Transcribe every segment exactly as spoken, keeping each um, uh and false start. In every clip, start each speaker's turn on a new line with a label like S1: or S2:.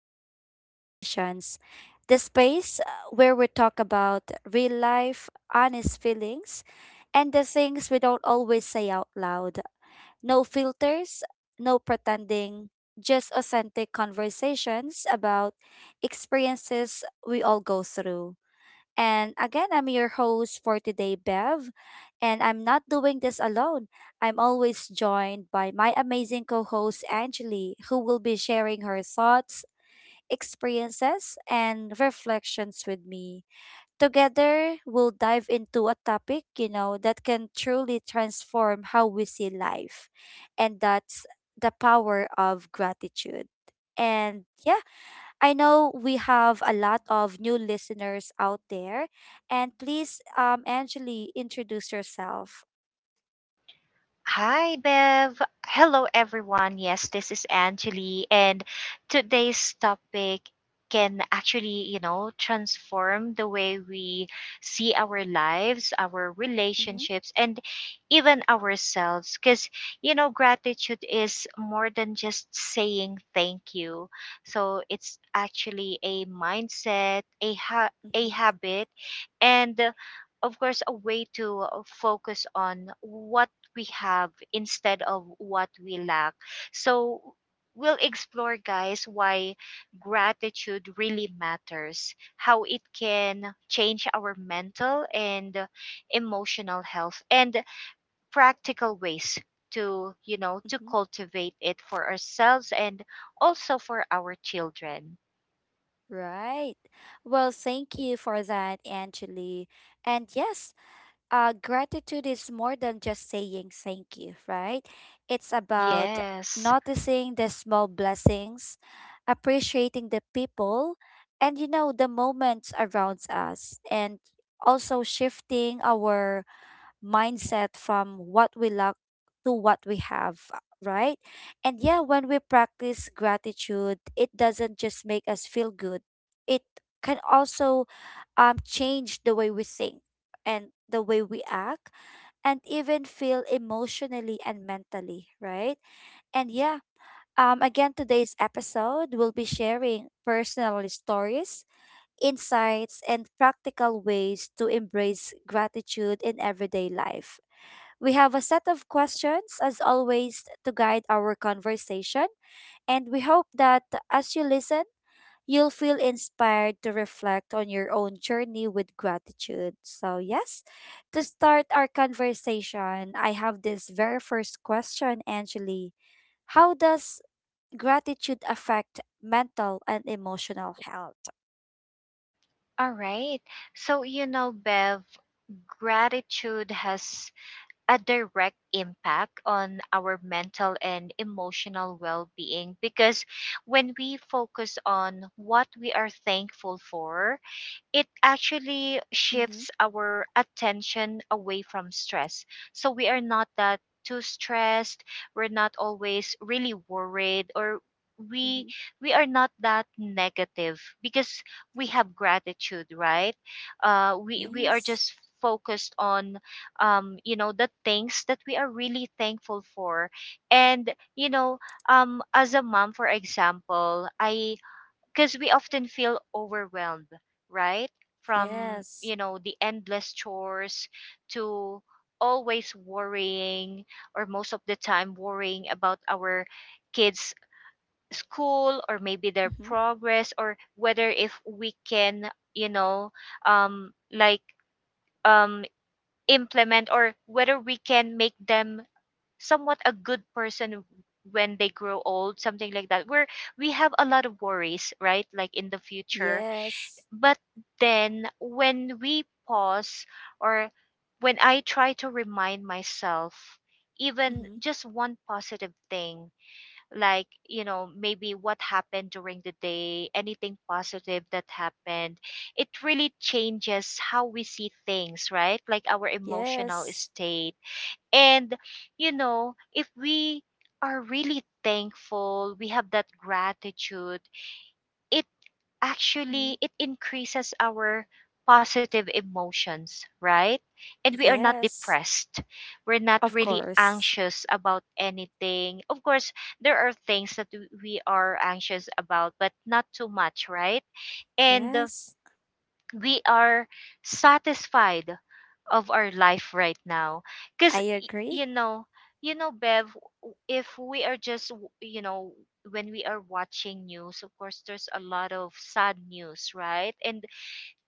S1: Unfiltered Conversations, the space uh, where we talk about real life, honest feelings, and the things we don't always say out loud. No filters, no pretending, just authentic conversations about experiences we all go through. And again, I'm your host for today, Bev. And I'm not doing this alone. I'm always joined by my amazing co host, Angeli, who will be sharing her thoughts, experiences, and reflections with me. Together, we'll dive into a topic, you know, that can truly transform how we see life. And that's the power of gratitude. And yeah, I know we have a lot of new listeners out there, and please, um, Angeli, introduce yourself.
S2: Hi, Bev. Hello, everyone. Yes, this is Angeli, and today's topic can actually, you know, transform the way we see our lives, our
S1: Mm-hmm,
S2: relationships, and even ourselves. Because, you know, gratitude is more than just saying thank you. So it's actually a mindset, a ha- a
S1: mm-hmm,
S2: habit, and uh, of course a way to uh, focus on what we have instead of what we lack. So we'll explore, guys, why gratitude really matters, how it can change our mental and emotional health, and practical ways to you know to
S1: mm-hmm.
S2: cultivate it for ourselves and also for our children.
S1: Right. Well, thank you for that, Angeli. And yes, uh, gratitude is more than just saying thank you, right? It's about
S2: Yes.
S1: noticing the small blessings, appreciating the people, and you know, the moments around us, and also shifting our mindset from what we lack to what we have, right? And yeah, when we practice gratitude, it doesn't just make us feel good, it can also um, change the way we think and the way we act and even feel emotionally and mentally, right? And yeah, um, again, today's episode will be sharing personal stories, insights, and practical ways to embrace gratitude in everyday life. We have a set of questions, as always, to guide our conversation, and we hope that as you listen, you'll feel inspired to reflect on your own journey with gratitude. So, yes, to start our conversation, I have this very first question, Angeli. How does gratitude affect mental and emotional health?
S2: All right, so you know, Bev, gratitude has a direct impact on our mental and emotional well being because when we focus on what we are thankful for, it actually
S1: Mm-hmm.
S2: shifts our attention away from stress. So we are not that too stressed. We're not always really worried, or
S1: Mm-hmm.
S2: we we are not that negative because we have gratitude, right? Uh we we are
S1: Yes.
S2: just focused on um you know, the things that we are really thankful for. And you know, um as a mom, for example, I because we often feel overwhelmed, right? From,
S1: Yes.
S2: you know, the endless chores to always worrying, or most of the time worrying about our kids' school, or maybe their
S1: Mm-hmm.
S2: progress, or whether if we can, you know, um, like, um, implement, or whether we can make them somewhat a good person when they grow old, something like that, where we have a lot of worries, right? Like in the future.
S1: Yes.
S2: But then when we pause, or when I try to remind myself even
S1: Mm-hmm.
S2: just one positive thing, like, you know, maybe what happened during the day, anything positive that happened, it really changes how we see things, right? Like our emotional
S1: Yes.
S2: state. And, you know, if we are really thankful, we have that gratitude, it
S1: Mm-hmm.
S2: actually it increases our positive emotions, right? And we are not
S1: Yes.
S2: depressed. We're not
S1: Of
S2: really
S1: course.
S2: anxious about anything. Of course, there are things that w- we are anxious about, but not too much, right? And uh,
S1: Yes.
S2: we are satisfied of our life right now, because
S1: I agree.
S2: you know you know Bev, w- if we are just w- you know, when we are watching news, of course there's a lot of sad news, right? And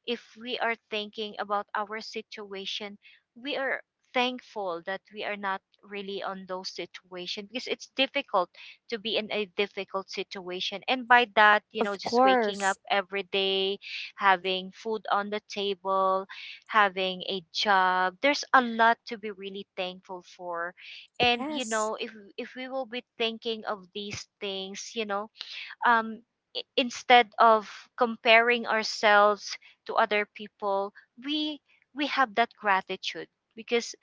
S2: if we are thinking about our situation, we are thankful that we are not really on those situations, because it's difficult to be in a difficult situation. And by that, you
S1: Of
S2: know, just waking up
S1: course.
S2: every day, having food on the table, having a job, there's a lot to be really thankful for. And you
S1: Yes.
S2: know, if if we will be thinking of these things, you know, um, I- instead of comparing ourselves to other people, we we have that gratitude, because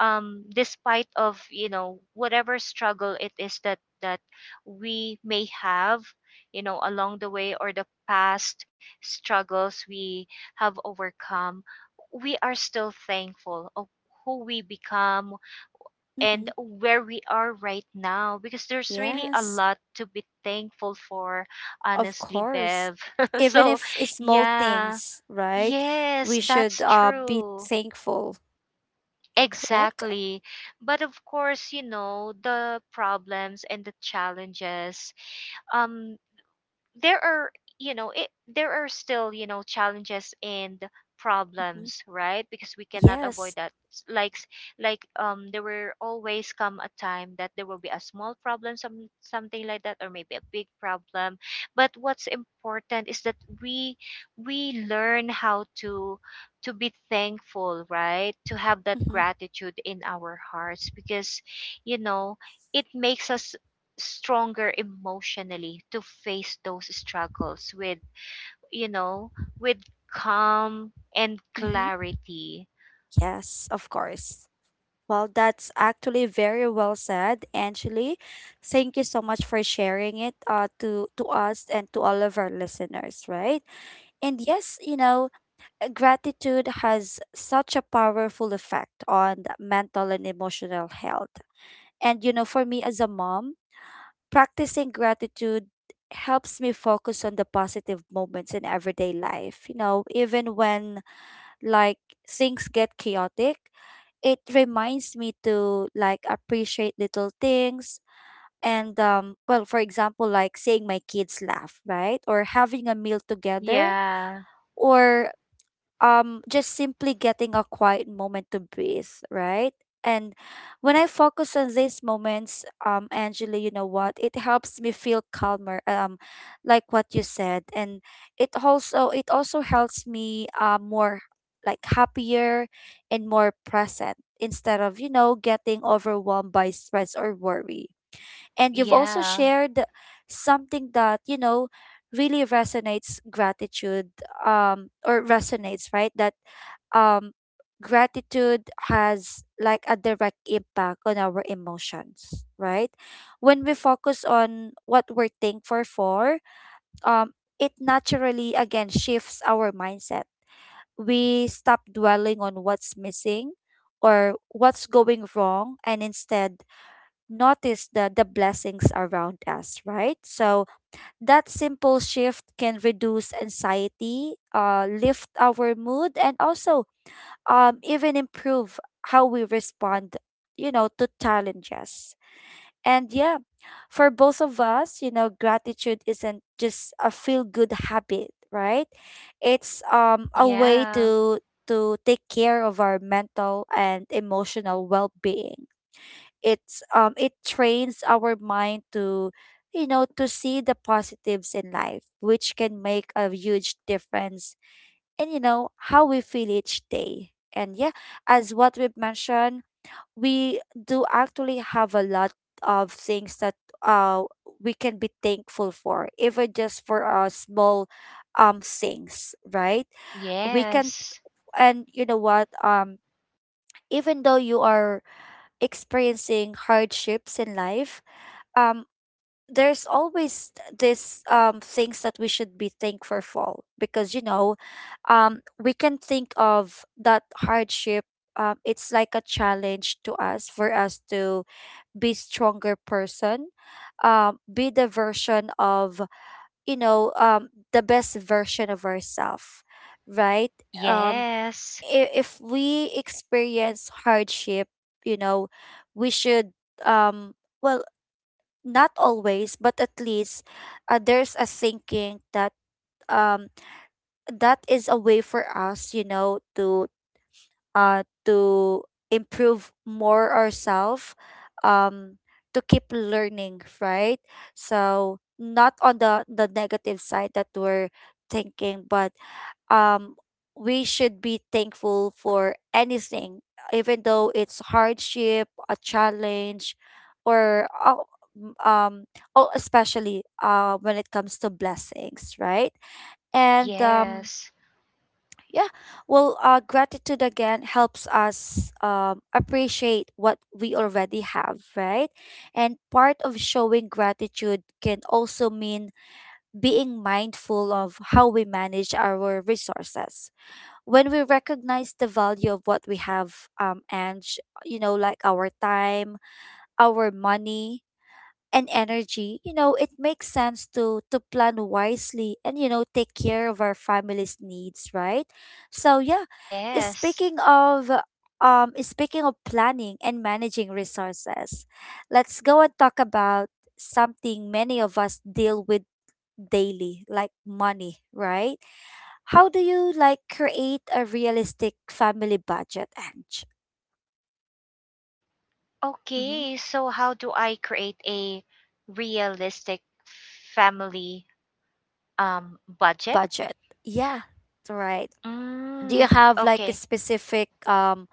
S2: um, despite of, you know, whatever struggle it is that that we may have, you know, along the way, or the past struggles we have overcome, we are still thankful of who we become and
S1: Mm-hmm.
S2: where we are right now, because there's really a
S1: Yes.
S2: lot to be thankful for,
S1: Of
S2: honestly,
S1: course.
S2: Bev.
S1: Even
S2: So,
S1: if it's small
S2: yeah,
S1: things, right?
S2: yes,
S1: We should
S2: that's
S1: uh be
S2: true.
S1: thankful. Correct?
S2: Exactly. But of course, you know, the problems and the challenges, um there are, you know, it there are still, you know, challenges and
S1: Mm-hmm.
S2: problems, right? Because we cannot avoid
S1: Yes.
S2: that. S- like s- like um there will always come a time that there will be a small problem, some something like that, or maybe a big problem. But what's important is that we we learn how to to be thankful, right? To have that
S1: Mm-hmm.
S2: gratitude in our hearts, because you know, it makes us stronger emotionally to face those struggles with, you know, with calm and
S1: Mm-hmm.
S2: clarity.
S1: Yes. Of course. Well, that's actually very well said, Angeli. Thank you so much for sharing it uh, to to us and to all of our listeners, right? And yes, you know, uh, gratitude has such a powerful effect on the mental and emotional health. And you know, for me as a mom, practicing gratitude helps me focus on the positive moments in everyday life. You know, even when like things get chaotic, it reminds me to like appreciate little things and um well, for example, like seeing my kids laugh, right, or having a meal together,
S2: Yeah.
S1: or um just simply getting a quiet moment to breathe, right. And when I focus on these moments, um Angela, you know what, it helps me feel calmer, um like what you said. And it also it also helps me uh, more like happier and more present instead of, you know, getting overwhelmed by stress or worry. And you've also
S2: Yeah,
S1: shared something that, you know, really resonates, gratitude um or resonates, right? That um gratitude has like a direct impact on our emotions, right? When we focus on what we're thankful for, um it naturally again shifts our mindset. We stop dwelling on what's missing or what's going wrong, and instead notice the, the blessings around us, right? So that simple shift can reduce anxiety, uh, lift our mood, and also um, even improve how we respond, you know, to challenges. And yeah, for both of us, you know, gratitude isn't just a feel good habit, right? It's um a way
S2: yeah.
S1: to to take care of our mental and emotional well-being. It's um it trains our mind to, you know, to see the positives in life, which can make a huge difference in, you know, how we feel each day. And yeah, as what we've mentioned, we do actually have a lot of things that uh we can be thankful for, even just for our small um things, right? We can.
S2: Yes,
S1: And you know what, um even though you are experiencing hardships in life, um there's always th- this um things that we should be thankful for, because, you know, um we can think of that hardship, um it's like a challenge to us, for us to be stronger person, um be the version of, you know, um the best version of ourselves, right? um
S2: yes,
S1: i- if we experience hardship, you know, we should, um well, not always, but at least uh, there's a thinking that um that is a way for us, you know, to uh to improve more ourselves, um to keep learning, right? So not on the the negative side that we're thinking, but um, we should be thankful for anything, even though it's hardship, a challenge, or uh, m- um, oh, especially uh, when it comes to blessings, right? And um,
S2: yes,
S1: yeah, well, uh, gratitude again helps us um, appreciate what we already have, right? And part of showing gratitude can also mean being mindful of how we manage our resources. When we recognize the value of what we have, um, and sh- you know, like our time, our money, and energy, you know, it makes sense to to plan wisely and, you know, take care of our family's needs, right? So yeah, eh,
S2: yes.
S1: speaking of um, eh, speaking of planning and managing resources, let's go and talk about something many of us deal with daily, like money, right? How do you like create a realistic family budget and mm-hmm.
S2: Okay, so how do I create a realistic family um budget?
S1: Budget? Yeah, right. Do you
S2: Mm,
S1: have like a
S2: okay.
S1: specific um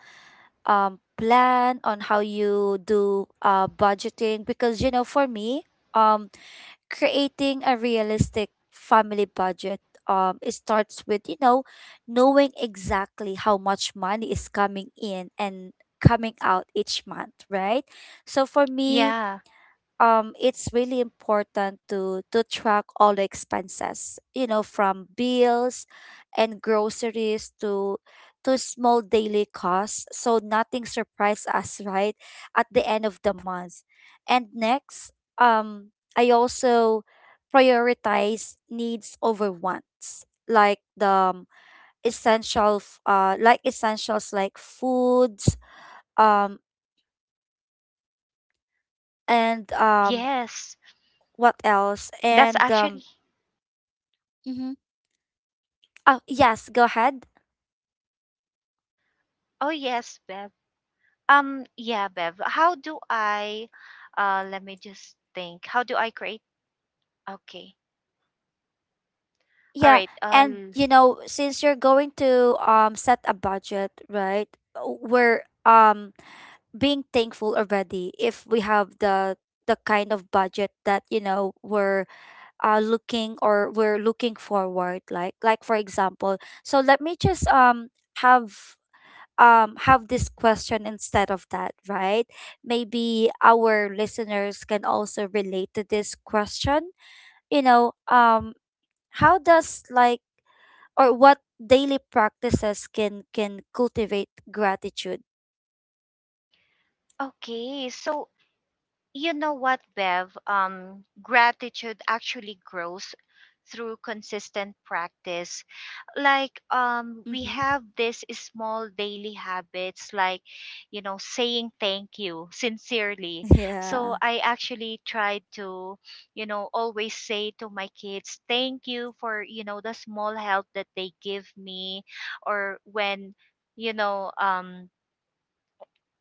S1: um plan on how you do uh budgeting? Because you know, for me, um creating a realistic family budget, um it starts with, you know, knowing exactly how much money is coming in and coming out each month, right? So for me,
S2: Yeah.
S1: um it's really important to to track all the expenses, you know, from bills and groceries to to small daily costs, so nothing surprise us, right, at the end of the month. And next, um I also prioritize needs over wants, like the um, essential f- uh like essentials like foods um and um
S2: Yes,
S1: what else
S2: that's
S1: and um
S2: actually,
S1: mm-hmm. Oh, yes, go ahead.
S2: oh yes, Bev. Um, yeah, Bev. How do I, uh, let me just think. How do I create? Okay. All
S1: Yeah,
S2: right.
S1: and
S2: Uh,
S1: you know, since you're going to um set a budget, right? uh, We're um being thankful already if we have the the kind of budget that, you know, we're uh looking, or we're looking forward, like like for example. So let me just um have um have this question instead of that, right? Maybe our listeners can also relate to this question, you know, um, how does like or what daily practices can can cultivate gratitude?
S2: okay. So, you know what, Bev? Um, gratitude actually grows through consistent practice. Like, um we
S1: Mm-hmm.
S2: have this small daily habits, like, you know, saying thank you sincerely.
S1: Yeah.
S2: So I actually tried to, you know, always say to my kids thank you for, you know, the small help that they give me, or when, you know, um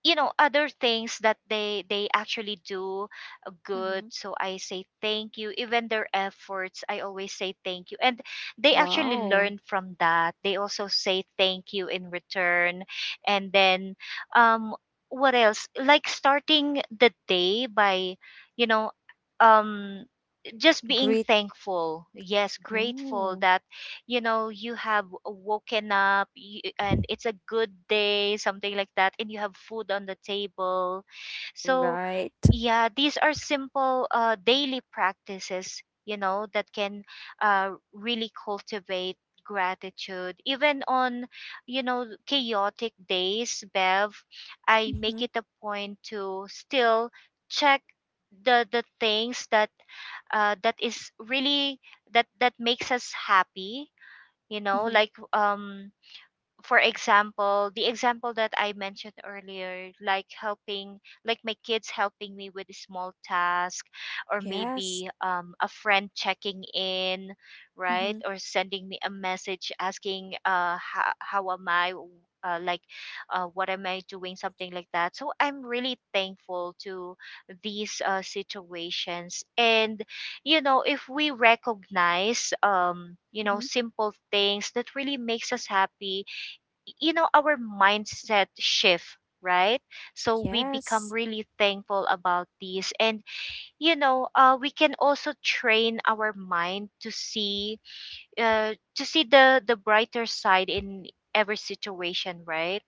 S2: you know, other things that they they actually do good,
S1: Mm-hmm.
S2: so I say thank you. Even their efforts, I always say thank you, and they actually
S1: Wow.
S2: learn from that. They also say thank you in return. And then um what else, like starting the day by, you know, um just being
S1: Great.
S2: thankful. Yes, grateful
S1: Oh,
S2: that, you know, you have woken up, y- and it's a good day, something like that, and you have food on the table. So
S1: right.
S2: yeah, these are simple uh, daily practices, you know, that can uh, really cultivate gratitude. Even on, you know, chaotic days, Bev, I make
S1: Mm-hmm.
S2: it a point to still check the the things that uh, that is really that that makes us happy, you know, like,
S1: Mm-hmm.
S2: um for example, the example that I mentioned earlier, like helping, like my kids helping me with a small task, or
S1: Yes.
S2: maybe um, a friend checking in, right?
S1: Mm-hmm.
S2: Or sending me a message asking, uh, how, how am I? W- Uh, like, uh, what am I doing? Something like that. So I'm really thankful to these uh, situations. And, you know, if we recognize, um, you know,
S1: Mm-hmm.
S2: simple things that really makes us happy, you know, our mindset shift, right? So we become
S1: Yes.
S2: really thankful about these. And you know, uh, we can also train our mind to see, uh, to see the the brighter side in every situation, right?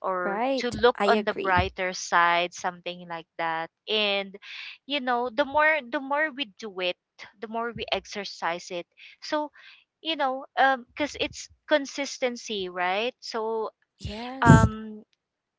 S2: Or to
S1: Right.
S2: look
S1: I
S2: on the
S1: agree.
S2: brighter side, something like that. And you know, the more the more we do it, the more we exercise it. So you know, um because it's consistency, right? So
S1: Yes.
S2: um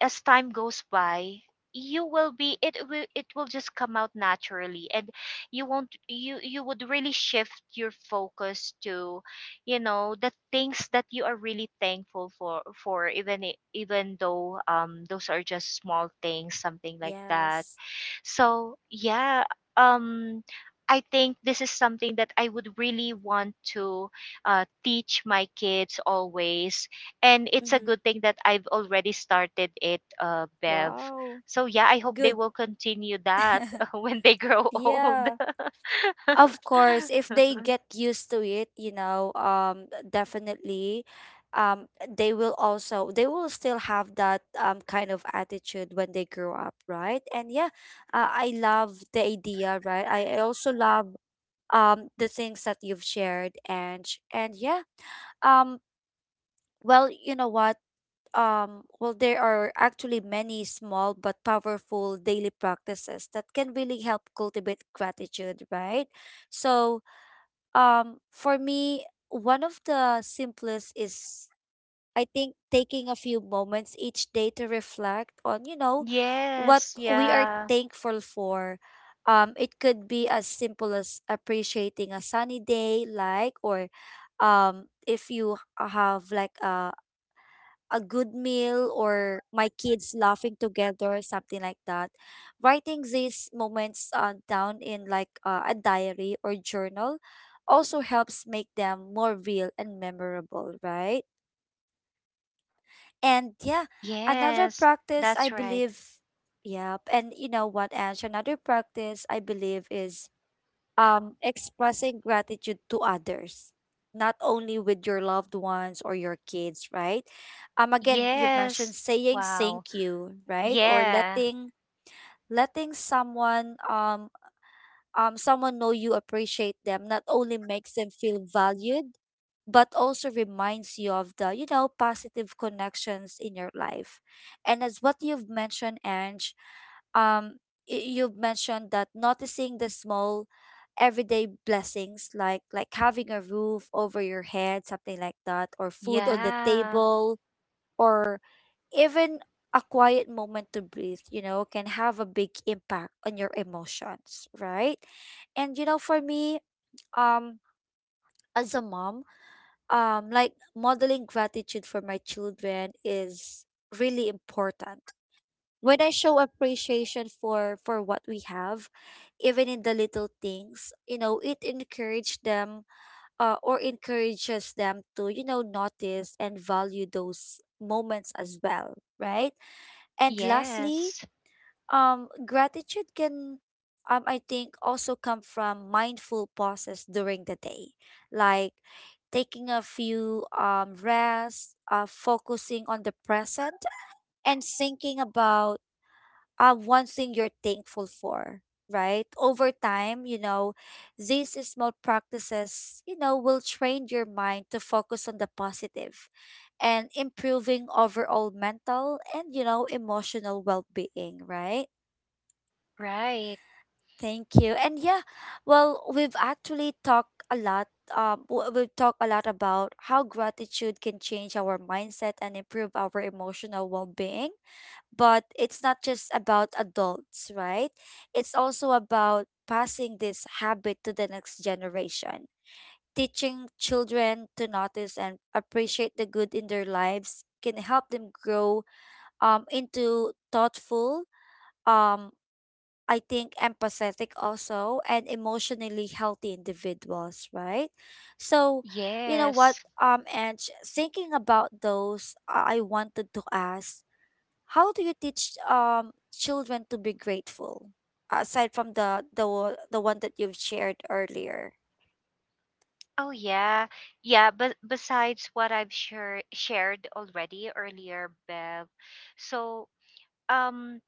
S2: as time goes by, you will be it will, it will just come out naturally, and you won't you you would really shift your focus to, you know, the things that you are really thankful for for even, i- even though um those are just small things, something like that.
S1: Yes.
S2: So yeah, um, I think this is something that I would really want to uh, teach my kids always, and it's a
S1: Mm-hmm.
S2: good thing that I've already started it, uh, Bev.
S1: Wow.
S2: So yeah, I hope they
S1: Good.
S2: will continue that when they grow old.
S1: yeah. Of course, if they get used to it, you know, um, definitely, um, they will also they will still have that um kind of attitude when they grow up, right? And yeah, uh, I love the idea, right? I, I also love um the things that you've shared, and and yeah, um, well, you know what, um, well, there are actually many small but powerful daily practices that can really help cultivate gratitude, right? So um, for me, one of the simplest is I think taking a few moments each day to reflect on, you know, what
S2: Yes,
S1: we are
S2: yeah.
S1: thankful for. Um, it could be as simple as appreciating a sunny day, like, or um, if you have like a a good meal or my kids laughing together, something like that. Writing these moments uh, down in like uh, a diary or journal also helps make them more real and memorable, right? And yeah, another
S2: Yes,
S1: practice I
S2: that's right.
S1: believe, yep. And you know what, Ange, another practice I believe is um, expressing gratitude to others, not only with your loved ones or your kids, right? Um, again, you've
S2: Yes,
S1: mentioned saying
S2: wow,
S1: thank you, right? Or
S2: yeah,
S1: letting letting someone um um, someone know you appreciate them, not only makes them feel valued, but also reminds you of the, you know, positive connections in your life. And as what you've mentioned, Ange, um, y- you've mentioned that noticing the small everyday blessings, like like having a roof over your head, something like that, or food on the
S2: yeah,
S1: table, or even a quiet moment to breathe, you know, can have a big impact on your emotions, right? And you know, for me, um, as a mom, um, like modeling gratitude for my children is really important. When I show appreciation for for what we have, even in the little things, you know, it encourage them uh, or encourages them to, you know, notice and value those moments as well, right? And lastly,
S2: yes.
S1: Um, gratitude can, um, I think, also come from mindful pauses during the day, like taking a few um, rests, uh, focusing on the present, and thinking about uh, one thing you're thankful for, right? Over time, you know, these small practices, you know, will train your mind to focus on the positive and improving overall mental and, you know, emotional well being, right?
S2: Right.
S1: Thank you. And yeah, well, we've actually talked a lot. Um, w- we've talked a lot about how gratitude can change our mindset and improve our emotional well being. But it's not just about adults, right? It's also about passing this habit to the next generation. Teaching children to notice and appreciate the good in their lives can help them grow um, into thoughtful. Um, I think empathetic also and emotionally healthy individuals, right? So, you know what,
S2: Yes.
S1: um, and thinking about those, I I wanted to ask how do you teach um children to be grateful aside from the the wo- the one that you've shared earlier?
S2: Oh yeah. Yeah, but besides what I've share shared already earlier, Bev. So, um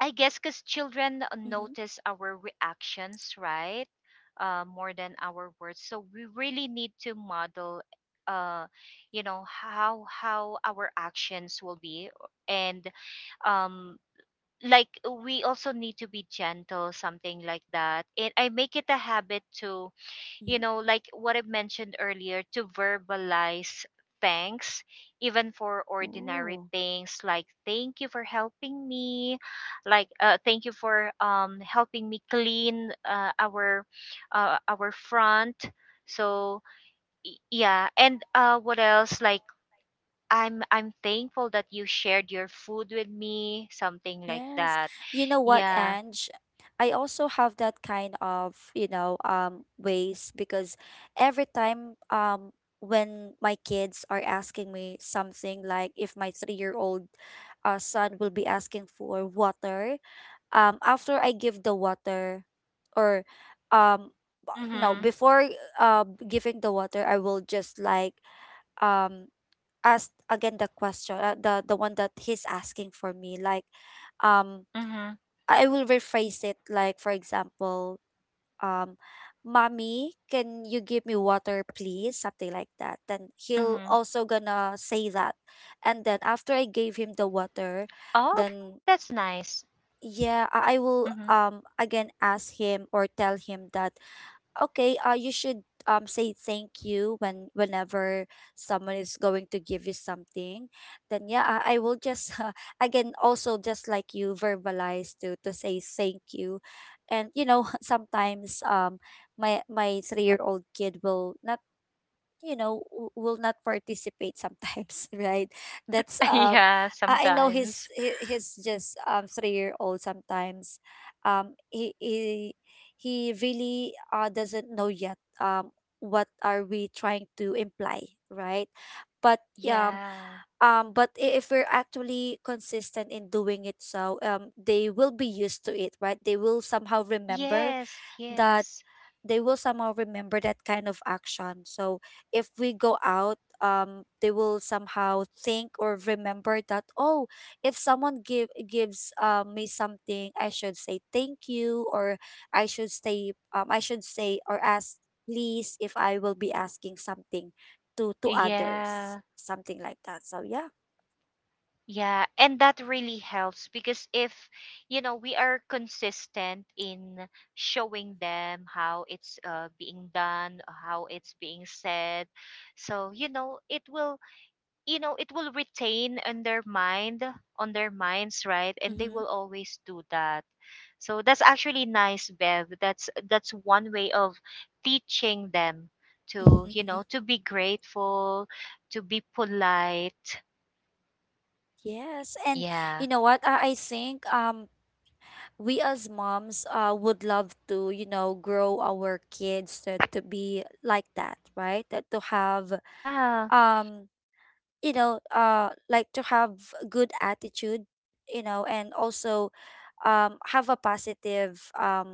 S2: I guess cuz children
S1: Mm-hmm.
S2: notice our reactions, right? Uh, more than our words. So we really need to model uh you know, how how our actions will be. And um like, we also need to be gentle, something like that. And I make it a habit to, you
S1: Mm-hmm.
S2: know, like what I mentioned earlier, to verbalize thanks, even for ordinary
S1: Oh.
S2: things, like thank you for helping me, like uh, thank you for um helping me clean uh, our uh, our front. So y- yeah. And uh, what else? Like, I'm I'm thankful that you shared your food with me, something like
S1: Yes.
S2: that.
S1: You know what,
S2: Yeah.
S1: Ange? I also have that kind of, you know, um, ways because every time um when my kids are asking me something like if my three-year-old uh, son will be asking for water, um, after I give the water or um b- no,
S2: Mhm.
S1: before uh giving the water, I will just like um ask again the question, uh, the the one that he's asking for me like um
S2: Mhm.
S1: I will rephrase it like for example, um, "Mommy, can you give me water, please?" Something like that. Then he'll
S2: Mhm.
S1: also gonna say that, and then after I gave him the water,
S2: Oh, that's nice.
S1: then yeah,
S2: Mhm.
S1: I I will um again ask him or tell him that okay uh you should um say thank you when whenever someone is going to give you something then yeah i, I will just uh, again also just like you verbalize to to say thank you and you know sometimes um my my three year old kid will not you know w- will not participate sometimes right that's um
S2: Yeah,
S1: i I know
S2: sometimes.
S1: he's he, he's just um three year old sometimes um he he he really uh doesn't know yet um what are we trying to imply right but um
S2: Yeah.
S1: um but i- if we're actually consistent in doing it so um they will be used to it right they will somehow remember
S2: Yes,
S1: that
S2: yes.
S1: they will somehow remember that kind of action. So if we go out, um, they will somehow think or remember that, oh, if someone give gives um, me something, I should say thank you, or I should say, um, I should say or ask please if I will be asking something to to others,
S2: Yeah.
S1: something like that. So yeah.
S2: Yeah, and that really helps because if, you know, we are consistent in showing them how it's uh, being done, how it's being said, so, you know, it will, you know, it will retain on their mind, on their minds, right? And they
S1: Mm-hmm.
S2: will always do that. So that's actually nice, Bev. That's that's one way of teaching them to, you know, to be grateful, to be polite.
S1: Yes, and
S2: Yeah.
S1: you know what? I, I think um we as moms uh, would love to you know grow our kids to, to be like that right that to have
S2: Yeah.
S1: um you know uh like to have good attitude you know and also um have a positive um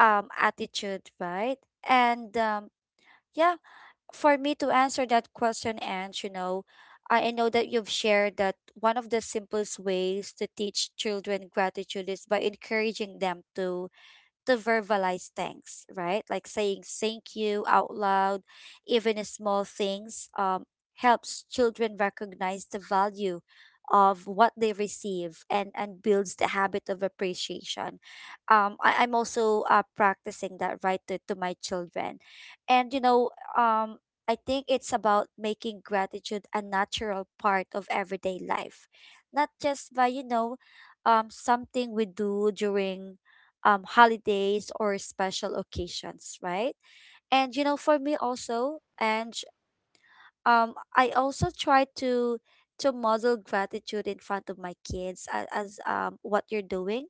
S1: um attitude right and um yeah for me to answer that question and you know I, I know that you've shared that one of the simplest ways to teach children gratitude is by encouraging them to to verbalize thanks, right? Like saying thank you out loud, even in small things, um, helps children recognize the value of what they receive and, and builds the habit of appreciation. Um, I, I'm also uh, practicing that right to, to my children. And, you know, um, I think it's about making gratitude a natural part of everyday life, not just by, you know, um, something we do during um, holidays or special occasions, right? And you know, for me also, and um, I also try to to model gratitude in front of my kids as, as um, what you're doing.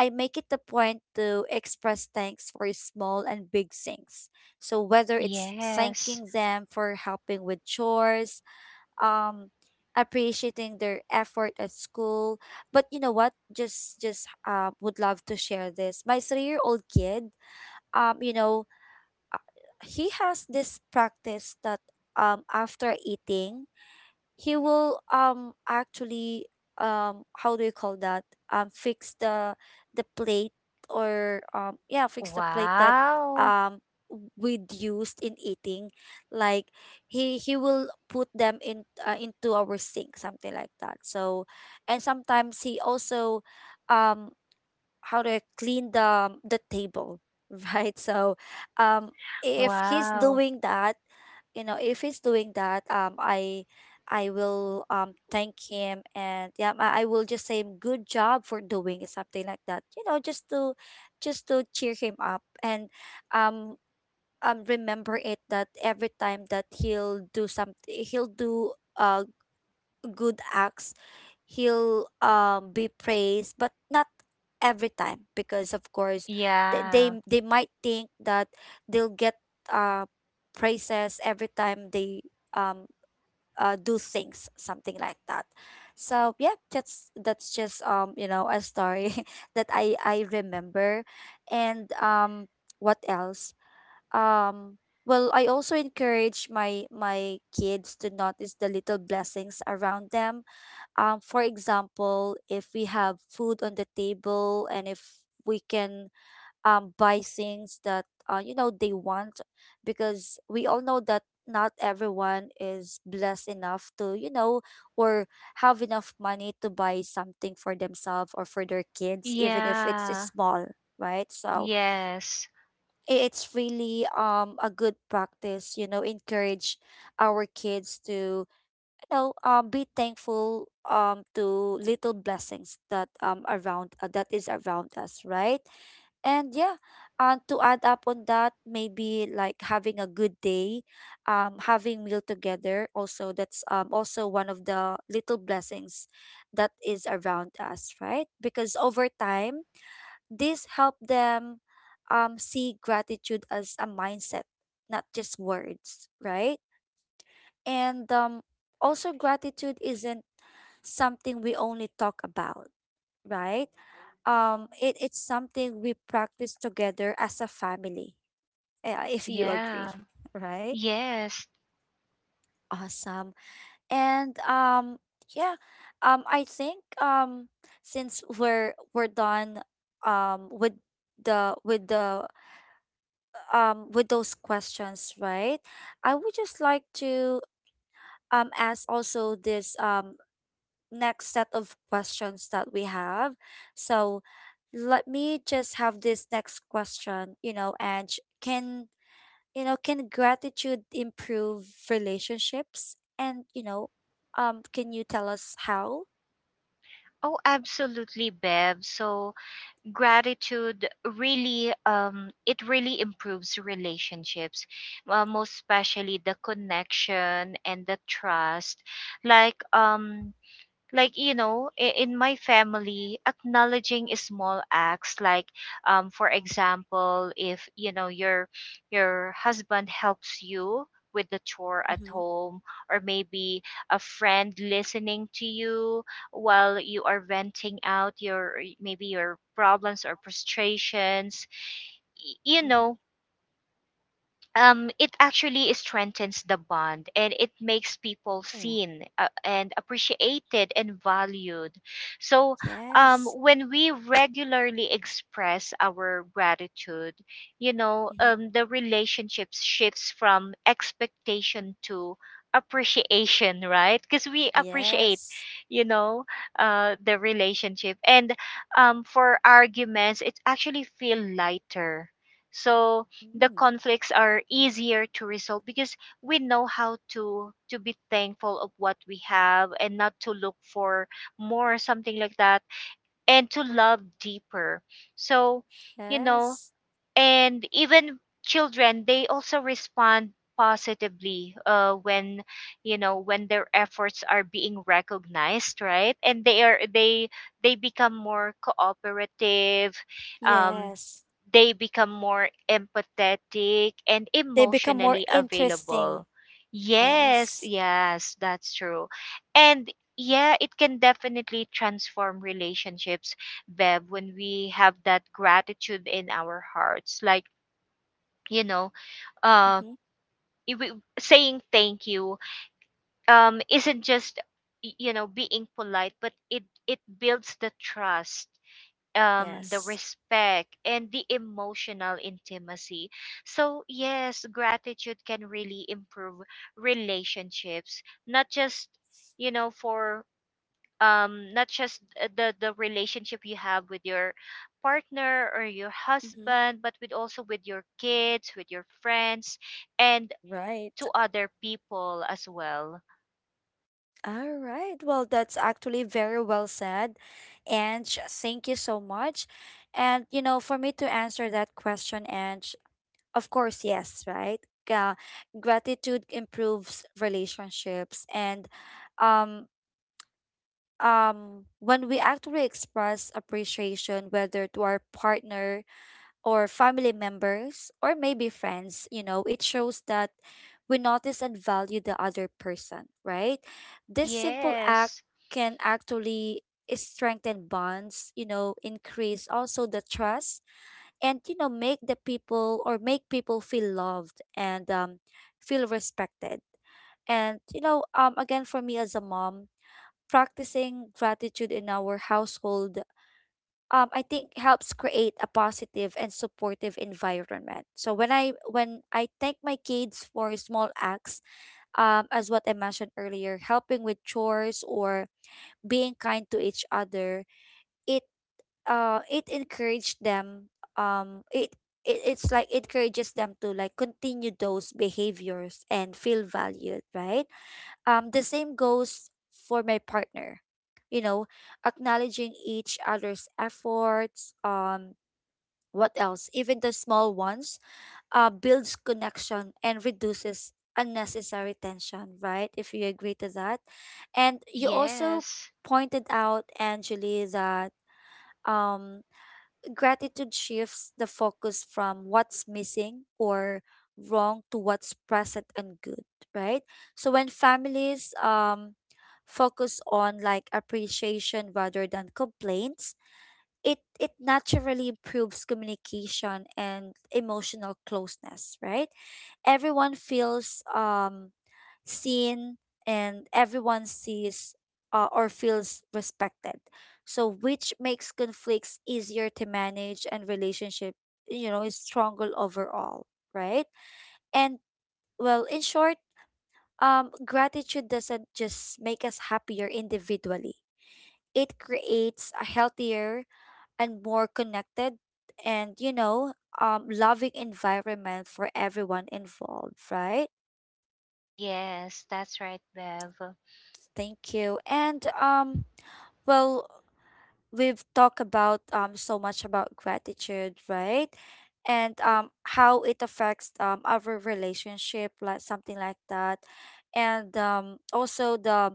S1: I make it a point to express thanks for small and big things. So whether it's
S2: Yes,
S1: thanking them for helping with chores, um appreciating their effort at school but you know what just just uh, would love to share this my three-year-old kid um you know he has this practice that um after eating he will um actually um how do you call that um fix the the plate or um yeah fix the plate that
S2: wow.
S1: um we'd used in eating like he he will put them in uh, into our sink something like that so and sometimes he also um how to clean the the table, right? So, um, if he's
S2: Wow,
S1: doing that, you know, if he's doing that, um, I I will um thank him and yeah, I, I will just say good job for doing it," something like that. You know, just to just to cheer him up and um um remember it that every time that he'll do something he'll do a good acts, he'll um, be praised, but not every time because of course they
S2: yeah.
S1: they, they might think that they'll get uh, praises every time they um, uh, do things, something like that. So yeah, that's that's just um you know a story that I I remember, and um what else um well I also encourage my my kids to notice the little blessings around them um, for example, if we have food on the table and if we can um, buy things that uh, you know they want, because we all know that not everyone is blessed enough to you know or have enough money to buy something for themselves or for their kids, even if it's
S2: Yeah,
S1: small, right? So
S2: yes.
S1: i- it's really um a good practice, you know, encourage our kids to know, um, be thankful um to little blessings that um around uh, that is around us, right? And yeah, and to add up on that, maybe like having a good day, um, having meal together. Also, that's um also one of the little blessings that is around us, right? Because over time, this help them um see gratitude as a mindset, not just words, right? And um, also, gratitude isn't something we only talk about, right? Um, it, it's something we practice together as a family, uh, if you agree,
S2: Yeah.
S1: right?
S2: Yes.
S1: Awesome. And um, yeah, um, I think um, since we're we're done um, with the with the um, with those questions, right? I would just like to um, ask also this um, next set of questions that we have. So let me just have this next question, you know, and can you know, can gratitude improve relationships? And you know, um, can you tell us how?
S2: Oh, absolutely, Bev. So, gratitude really, um it really improves relationships, uh, most especially the connection and the trust. Like, um like, you know, i- in my family, acknowledging small acts, like, um for example, if, you know, your your husband helps you with the chore at
S1: Mm-hmm.
S2: home, or maybe a friend listening to you while you are venting out your, maybe your problems or frustrations, y- you know,
S1: Mm-hmm.
S2: um, it actually strengthens the bond, and it makes people
S1: Oh,
S2: seen, uh, and appreciated and valued. So, um,
S1: Yes.
S2: when we regularly express our gratitude, you know, um,
S1: Mm-hmm.
S2: the relationship shifts from expectation to appreciation, right? Because we appreciate,
S1: Yes.
S2: you know, uh the relationship. And um for arguments, it actually feel lighter. So the
S1: Mm.
S2: conflicts are easier to resolve, because we know how to to be thankful of what we have, and not to look for more, something like that, and to love deeper. So you know,
S1: Yes.
S2: and even children, they also respond positively uh, when, you know, when their efforts are being recognized, right? And they are they they become more cooperative. um
S1: Yes.
S2: they become more empathetic and
S1: They become more
S2: emotionally
S1: interesting.
S2: available. Yes,
S1: Yes.
S2: yes, that's true. And yeah, it can definitely transform relationships, Bev, when we have that gratitude in our hearts. Like, you know, uh,
S1: Mm-hmm.
S2: i- we- Saying thank you um, isn't just, y- you know, being polite, but it, it builds the trust, um the
S1: Yes.
S2: respect and the emotional intimacy. So yes, gratitude can really improve relationships, not just you know for um not just uh, the the relationship you have with your partner or your
S1: Mm-hmm.
S2: husband, but with also with your kids, with your friends, and
S1: Right.
S2: to other people as well.
S1: All right. Well, that's actually very well said. And thank you so much. And, you know, for me to answer that question, and of course, yes, right? Uh, Gratitude improves relationships. And um, um, when we actually express appreciation, whether to our partner, or family members or maybe friends, you know, it shows that we notice and value the other person, right? This simple act
S2: Yes,
S1: can actually strengthen bonds, you know, increase also the trust and you know make the people or make people feel loved and um, feel respected. And you know, um, again for me as a mom, practicing gratitude in our household um, I think helps create a positive and supportive environment. So when I when I thank my kids for small acts, um, as what I mentioned earlier, helping with chores or being kind to each other, it uh it encouraged them. Um, it, it it's like it encourages them to like continue those behaviors and feel valued, right? Um, the same goes for my partner. You know, acknowledging each other's efforts, um, what else? Even the small ones uh, builds connection and reduces unnecessary tension, right? If you agree to that. And you also
S2: yes,
S1: pointed out, Angeli, that um, gratitude shifts the focus from what's missing or wrong to what's present and good, right? So when families um, focus on like appreciation rather than complaints, it it naturally improves communication and emotional closeness right everyone feels um seen and everyone sees uh, or feels respected so which makes conflicts easier to manage and relationship you know is stronger overall right and well in short um gratitude doesn't just make us happier individually it creates a healthier and more connected and you know um, loving environment for everyone involved right
S2: yes, that's right, Bev.
S1: thank you and um well we've talked about um so much about gratitude right and um how it affects um our relationship like something like that and um also the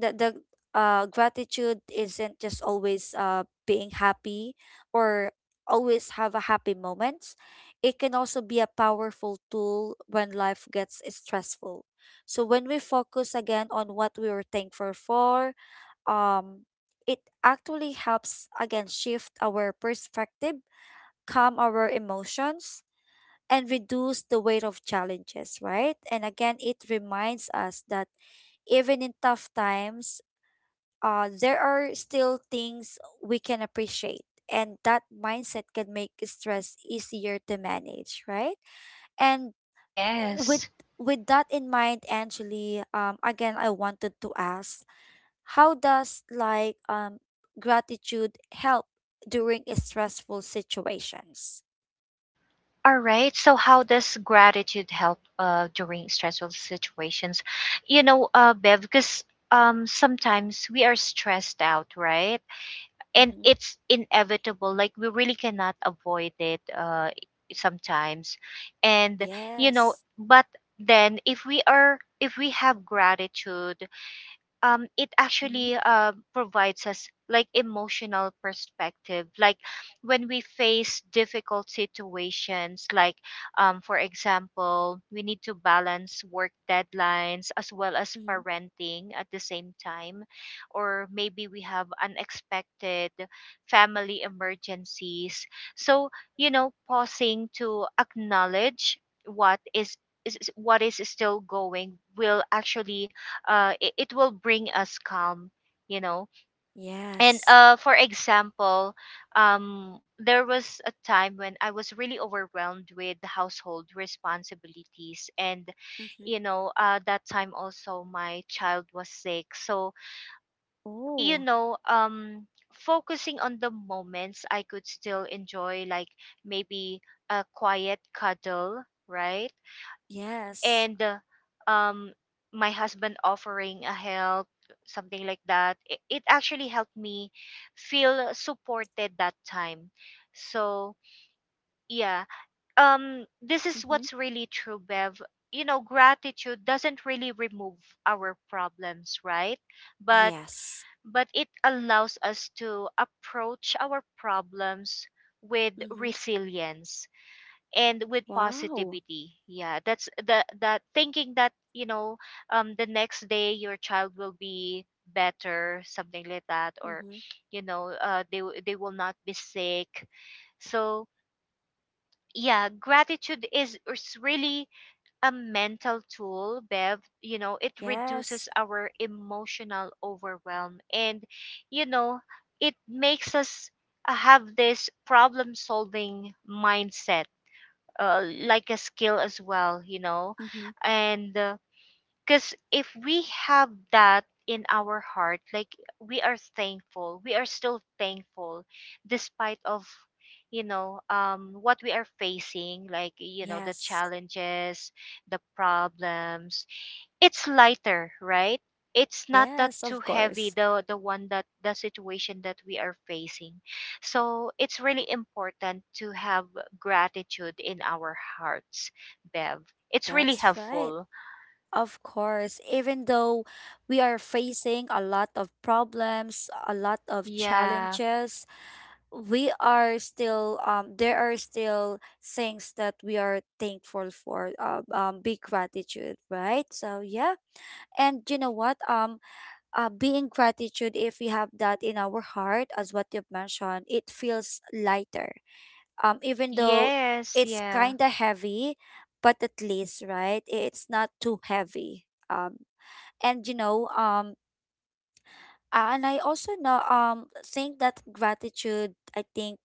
S1: the the uh gratitude isn't just always uh being happy or always have a happy moment. It can also be a powerful tool when life gets stressful. So when we focus again on what we were thankful for, um it actually helps again shift our perspective, calm our emotions and reduce the weight of challenges, right? And again, it reminds us that even in tough times, uh, there are still things we can appreciate, and that mindset can make stress easier to manage, right? And with
S2: Yes.
S1: with that in mind, Angeli, um, again, I wanted to ask how does like um gratitude help during a stressful situations?
S2: All right. So how does gratitude help uh, during stressful situations? You know, uh, Bev, because um, sometimes we are stressed out, right? And
S1: Mm-hmm.
S2: it's inevitable. Like, we really cannot avoid it uh, sometimes. And, you know,
S1: Yes.
S2: but then if we are, if we have gratitude, um it
S1: Mm-hmm.
S2: actually uh, provides us like emotional perspective, like when we face difficult situations, like um for example, we need to balance work deadlines as well as
S1: Mm-hmm.
S2: parenting at the same time, or maybe we have unexpected family emergencies. So you know, pausing to acknowledge what is is is- what is still going will actually uh, it, it will bring us calm, you know. And
S1: Yes.
S2: uh, for example, um, there was a time when I was really overwhelmed with household responsibilities, and you
S1: Mm-hmm.
S2: know, uh, that time also my child was sick. So you
S1: Oh,
S2: know, um, focusing on the moments I could still enjoy, like maybe a quiet cuddle, right?
S1: yes.
S2: And uh, um my husband offering a help, something like that, it, it actually helped me feel supported that time. So yeah, um this is
S1: Mm-hmm.
S2: what's really true, Bev. You know, gratitude doesn't really remove our problems, right? but
S1: Yes.
S2: but it allows us to approach our problems with
S1: Mm-hmm.
S2: resilience and with
S1: Wow.
S2: positivity. Yeah, that's the the thinking, that you know, um the next day your child will be better, something like that. Or
S1: Mm-hmm.
S2: you know, uh, they w- they will not be sick. So yeah, gratitude is is really a mental tool, Bev. You know, it
S1: Yes.
S2: reduces our emotional overwhelm, and you know, it makes us uh, have this problem solving mindset, uh, like a skill as well, you know.
S1: Mm-hmm.
S2: And because if we have that in our heart, like we are thankful, we are still thankful despite of, you know, um what we are facing, like you know, the
S1: Yes.
S2: challenges, the problems, it's lighter, right? It's not that
S1: Yes,
S2: too
S1: of
S2: heavy,
S1: course.
S2: the the one that the situation that we are facing. So it's really important to have gratitude in our hearts, Bev. It's really
S1: That's right.
S2: helpful.
S1: Of course, even though we are facing a lot of problems, a lot of
S2: Yeah.
S1: challenges, we are still um there are still things that we are thankful for. Uh, um, big gratitude, right? So yeah, and you know what? Um, uh, being gratitude, if we have that in our heart, as what you've mentioned, it feels lighter, um, even though
S2: Yes,
S1: it's
S2: yeah.
S1: kind of heavy, but at least, right, it's not too heavy. Um, and you know, um, a- and I also know, um, think that gratitude, I think,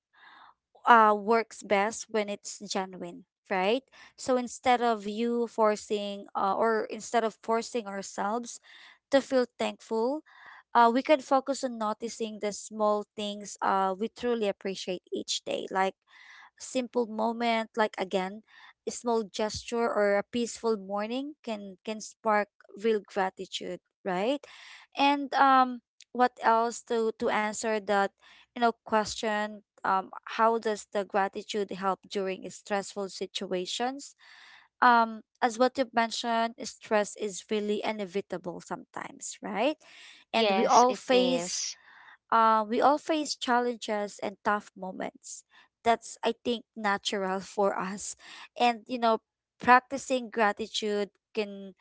S1: uh, works best when it's genuine, right? So instead of you forcing, uh, or instead of forcing ourselves to feel thankful, uh, we can focus on noticing the small things uh, we truly appreciate each day, like simple moment like again a small gesture or a peaceful morning can can spark real gratitude, right? And um what else to to answer that you know question, um how does the gratitude help during stressful situations? Um as what you've mentioned, stress is really inevitable sometimes, right? And we
S2: Yes,
S1: all
S2: it
S1: face
S2: is.
S1: uh, we all face challenges and tough moments. That's, I think, natural for us. And, you know, practicing gratitude can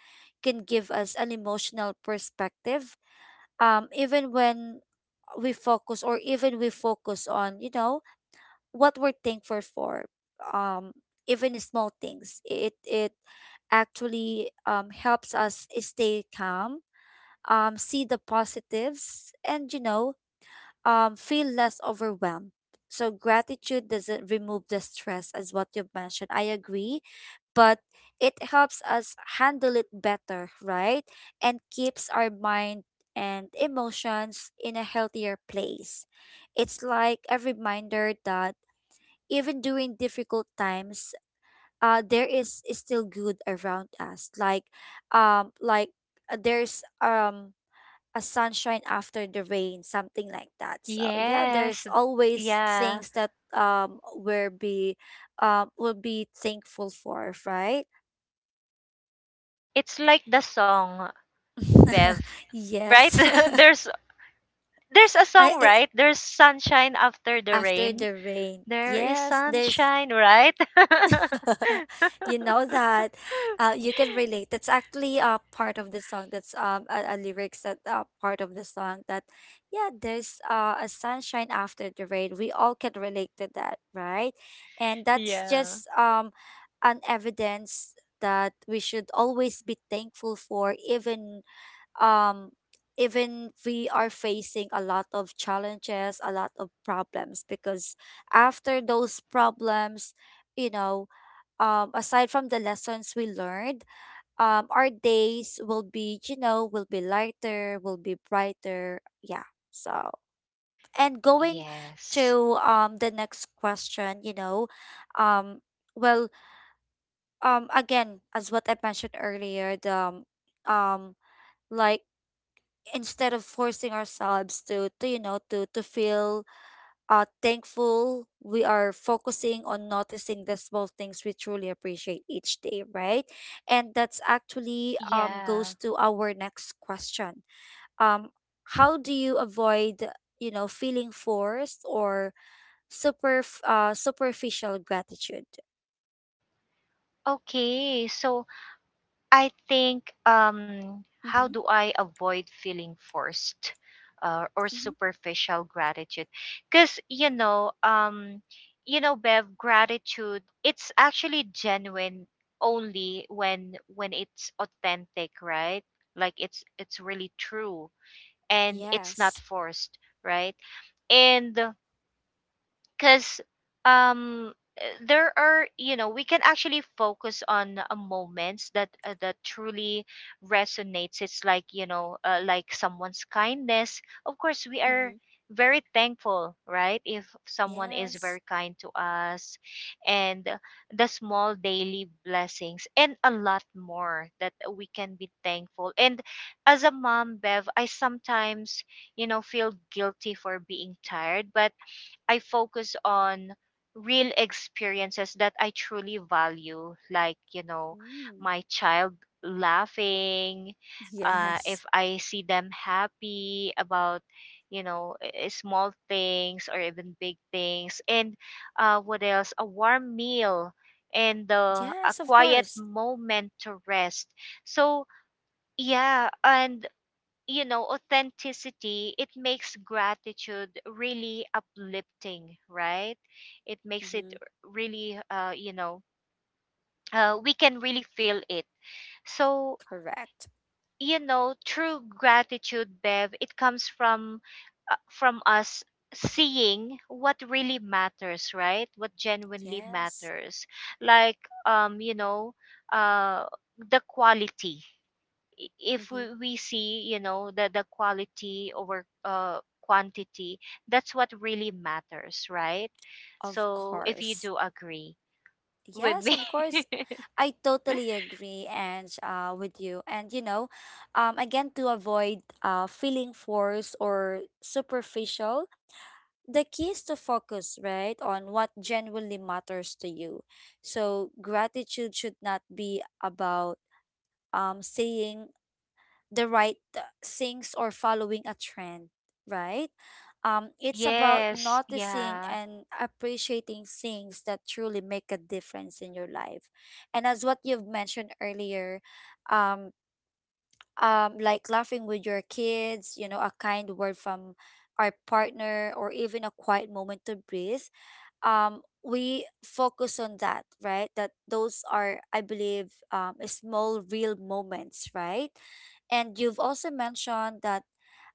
S1: can give us an emotional perspective. Um, even when we focus or even we focus on, you know, what we're thankful for. Um, Even small things. It it actually um, helps us stay calm, um, see the positives, and you know, um, feel less overwhelmed. So gratitude doesn't remove the stress, as what you've mentioned. I agree, but it helps us handle it better, right? And keeps our mind and emotions in a healthier place. It's like a reminder that even during difficult times, uh, there is, is still good around us. Like, um, like uh, there's um a sunshine after the rain, something like that. So yeah, there's
S2: Yes.
S1: always
S2: Yeah.
S1: things that um will be um will be thankful for, right?
S2: It's like the song, Bev, right?
S1: Yes.
S2: there's there's a
S1: I,
S2: song,
S1: I
S2: right? There's sunshine after the
S1: After
S2: rain.
S1: the rain.
S2: There is
S1: Yes, there's
S2: sunshine, right?
S1: you know that, uh, you can relate. That's actually a part of the song. That's um a, a lyrics that uh, part of the song that yeah, there's uh, a sunshine after the rain. We all can relate to that, right? And that's
S2: Yeah.
S1: just um an evidence that we should always be thankful for, even um even we are facing a lot of challenges, a lot of problems, because after those problems, you know, um, aside from the lessons we learned, um, our days will be, you know, will be lighter, will be brighter. Yeah. So, and going
S2: Yes.
S1: to um, the next question, you know, um, well, um, again, as what I mentioned earlier, the, um, um, like instead of forcing ourselves to, to you know, to to feel uh, thankful, we are focusing on noticing the small things we truly appreciate each day, right? And that's actually um,
S2: Yeah.
S1: goes to our next question. um, how do you avoid you know feeling forced or super uh, superficial gratitude?
S2: Okay. So I think, um how
S1: Mm-hmm.
S2: do I avoid feeling forced uh, or
S1: Mm-hmm.
S2: superficial gratitude? Cuz you know um You know, Bev, gratitude, it's actually genuine only when when it's authentic, right? Like, it's it's really true. And it's not
S1: Yes.
S2: forced, right? And because um uh, there are, you know, we can actually focus on uh, moments that uh, that truly resonates. It's like, you know, uh, like someone's kindness, of course we are
S1: Mm-hmm.
S2: very thankful, right, if someone is
S1: Yes.
S2: very kind to us. And uh, the small daily blessings, and a lot more that we can be thankful. And as a mom, Bev, I sometimes, you know, feel guilty for being tired, but I focus on real experiences that I truly value, like, you know,
S1: Mm.
S2: my child laughing, uh,
S1: Yes.
S2: if I see them happy about, you know, i- small things or even big things. And uh, what else? A warm meal and uh, a
S1: Yes, of
S2: quiet
S1: course.
S2: moment to rest. So yeah, and you know, authenticity, it makes gratitude really uplifting, right? It makes it
S1: Mm-hmm.
S2: really uh you know uh, we can really feel it. So
S1: Correct.
S2: you know, true gratitude, Bev, it comes from uh, from us seeing what really matters, right, what genuinely
S1: Yes.
S2: matters. Like, um you know uh the quality, i- if we,
S1: Mm-hmm.
S2: we see, you know, the the quality over uh quantity, that's what really matters, right?
S1: Of
S2: So if you
S1: course.
S2: do agree with
S1: Yes,
S2: me
S1: of course. I totally agree and uh, with you. And you know, um, again, to avoid uh, feeling forced or superficial, the key is to focus, right, on what genuinely matters to you. So gratitude should not be about um saying the right uh, things or following a trend, right? Um, it's about
S2: yes,
S1: noticing
S2: yeah.
S1: and appreciating things that truly make a difference in your life. And as what you've mentioned earlier, um, um, like laughing with your kids, you know, a kind word from our partner, or even a quiet moment to breathe, um, we focus on that, right? That those are, I believe, um, small, real moments, right? And you've also mentioned that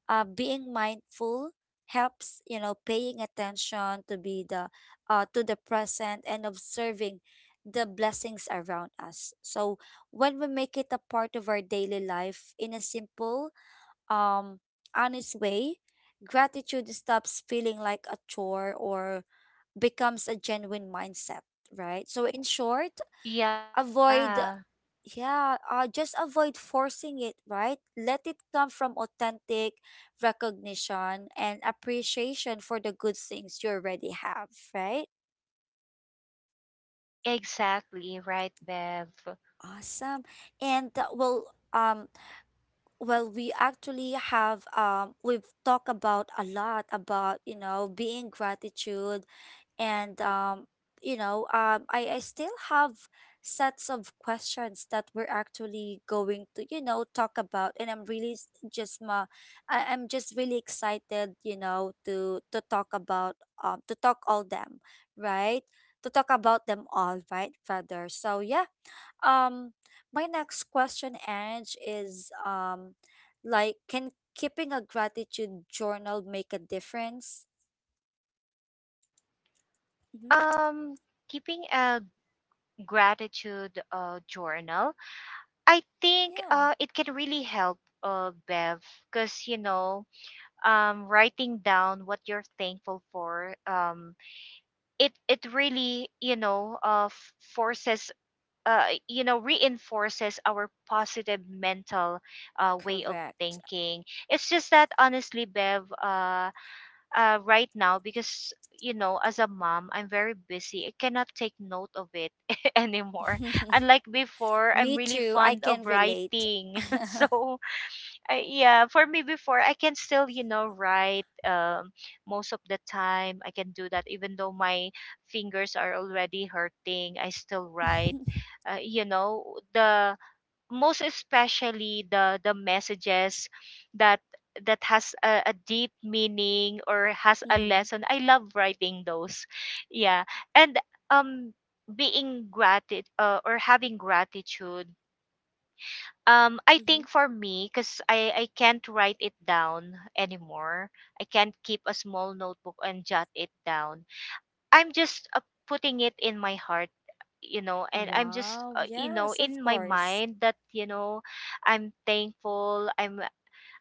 S1: uh, being mindful helps, you know, paying attention to be the uh, to the present and observing the blessings around us. So when we make it a part of our daily life in a simple um honest way, gratitude stops feeling like a chore or becomes a genuine mindset, right? So in short,
S2: Yeah,
S1: avoid, yeah, uh, just avoid forcing it, right? Let it come from authentic recognition and appreciation for the good things you already have, right?
S2: exactly right, Bev.
S1: Awesome. And uh, well um well, we actually have um we've talked about a lot about, you know, being gratitude. And um you know, um I, I still have sets of questions that we're actually going to, you know, talk about, and I'm really s- just ma I, I'm just really excited, you know, to to talk about um to talk all them, right? To talk about them all, right, rather. So yeah, um, my next question, Ange, is um, like, can keeping a gratitude journal make a difference? Hmm.
S2: um Keeping a gratitude uh, journal, I think
S1: Yeah,
S2: uh it can really help, uh Bev, because you know, um writing down what you're thankful for, um it, it really, you know, uh f- forces uh you know reinforces our positive mental uh way of
S1: correct.
S2: thinking. It's just that honestly, Bev, uh uh right now, because you know, as a mom I'm very busy, I cannot take note of it anymore. Unlike before, I'm
S1: Me
S2: really
S1: too. I
S2: fond
S1: can
S2: of
S1: relate.
S2: writing so I, yeah, for me before I can still, you know, write, um most of the time I can do that, even though my fingers are already hurting, I still write, uh, you know, the most especially the the messages that, that has a, a deep meaning or has a lesson.
S1: Hmm.
S2: I love writing those. Yeah. And um being gratitude, uh, or having gratitude, um, I think
S1: Hmm.
S2: for me, because I, I can't write it down anymore. I can't keep a small notebook and jot it down. I'm just uh, putting it in my heart, you know, and I'm just,
S1: Wow,
S2: uh, you know,
S1: yes, of
S2: in my
S1: course.
S2: mind that, you know, I'm thankful. I'm,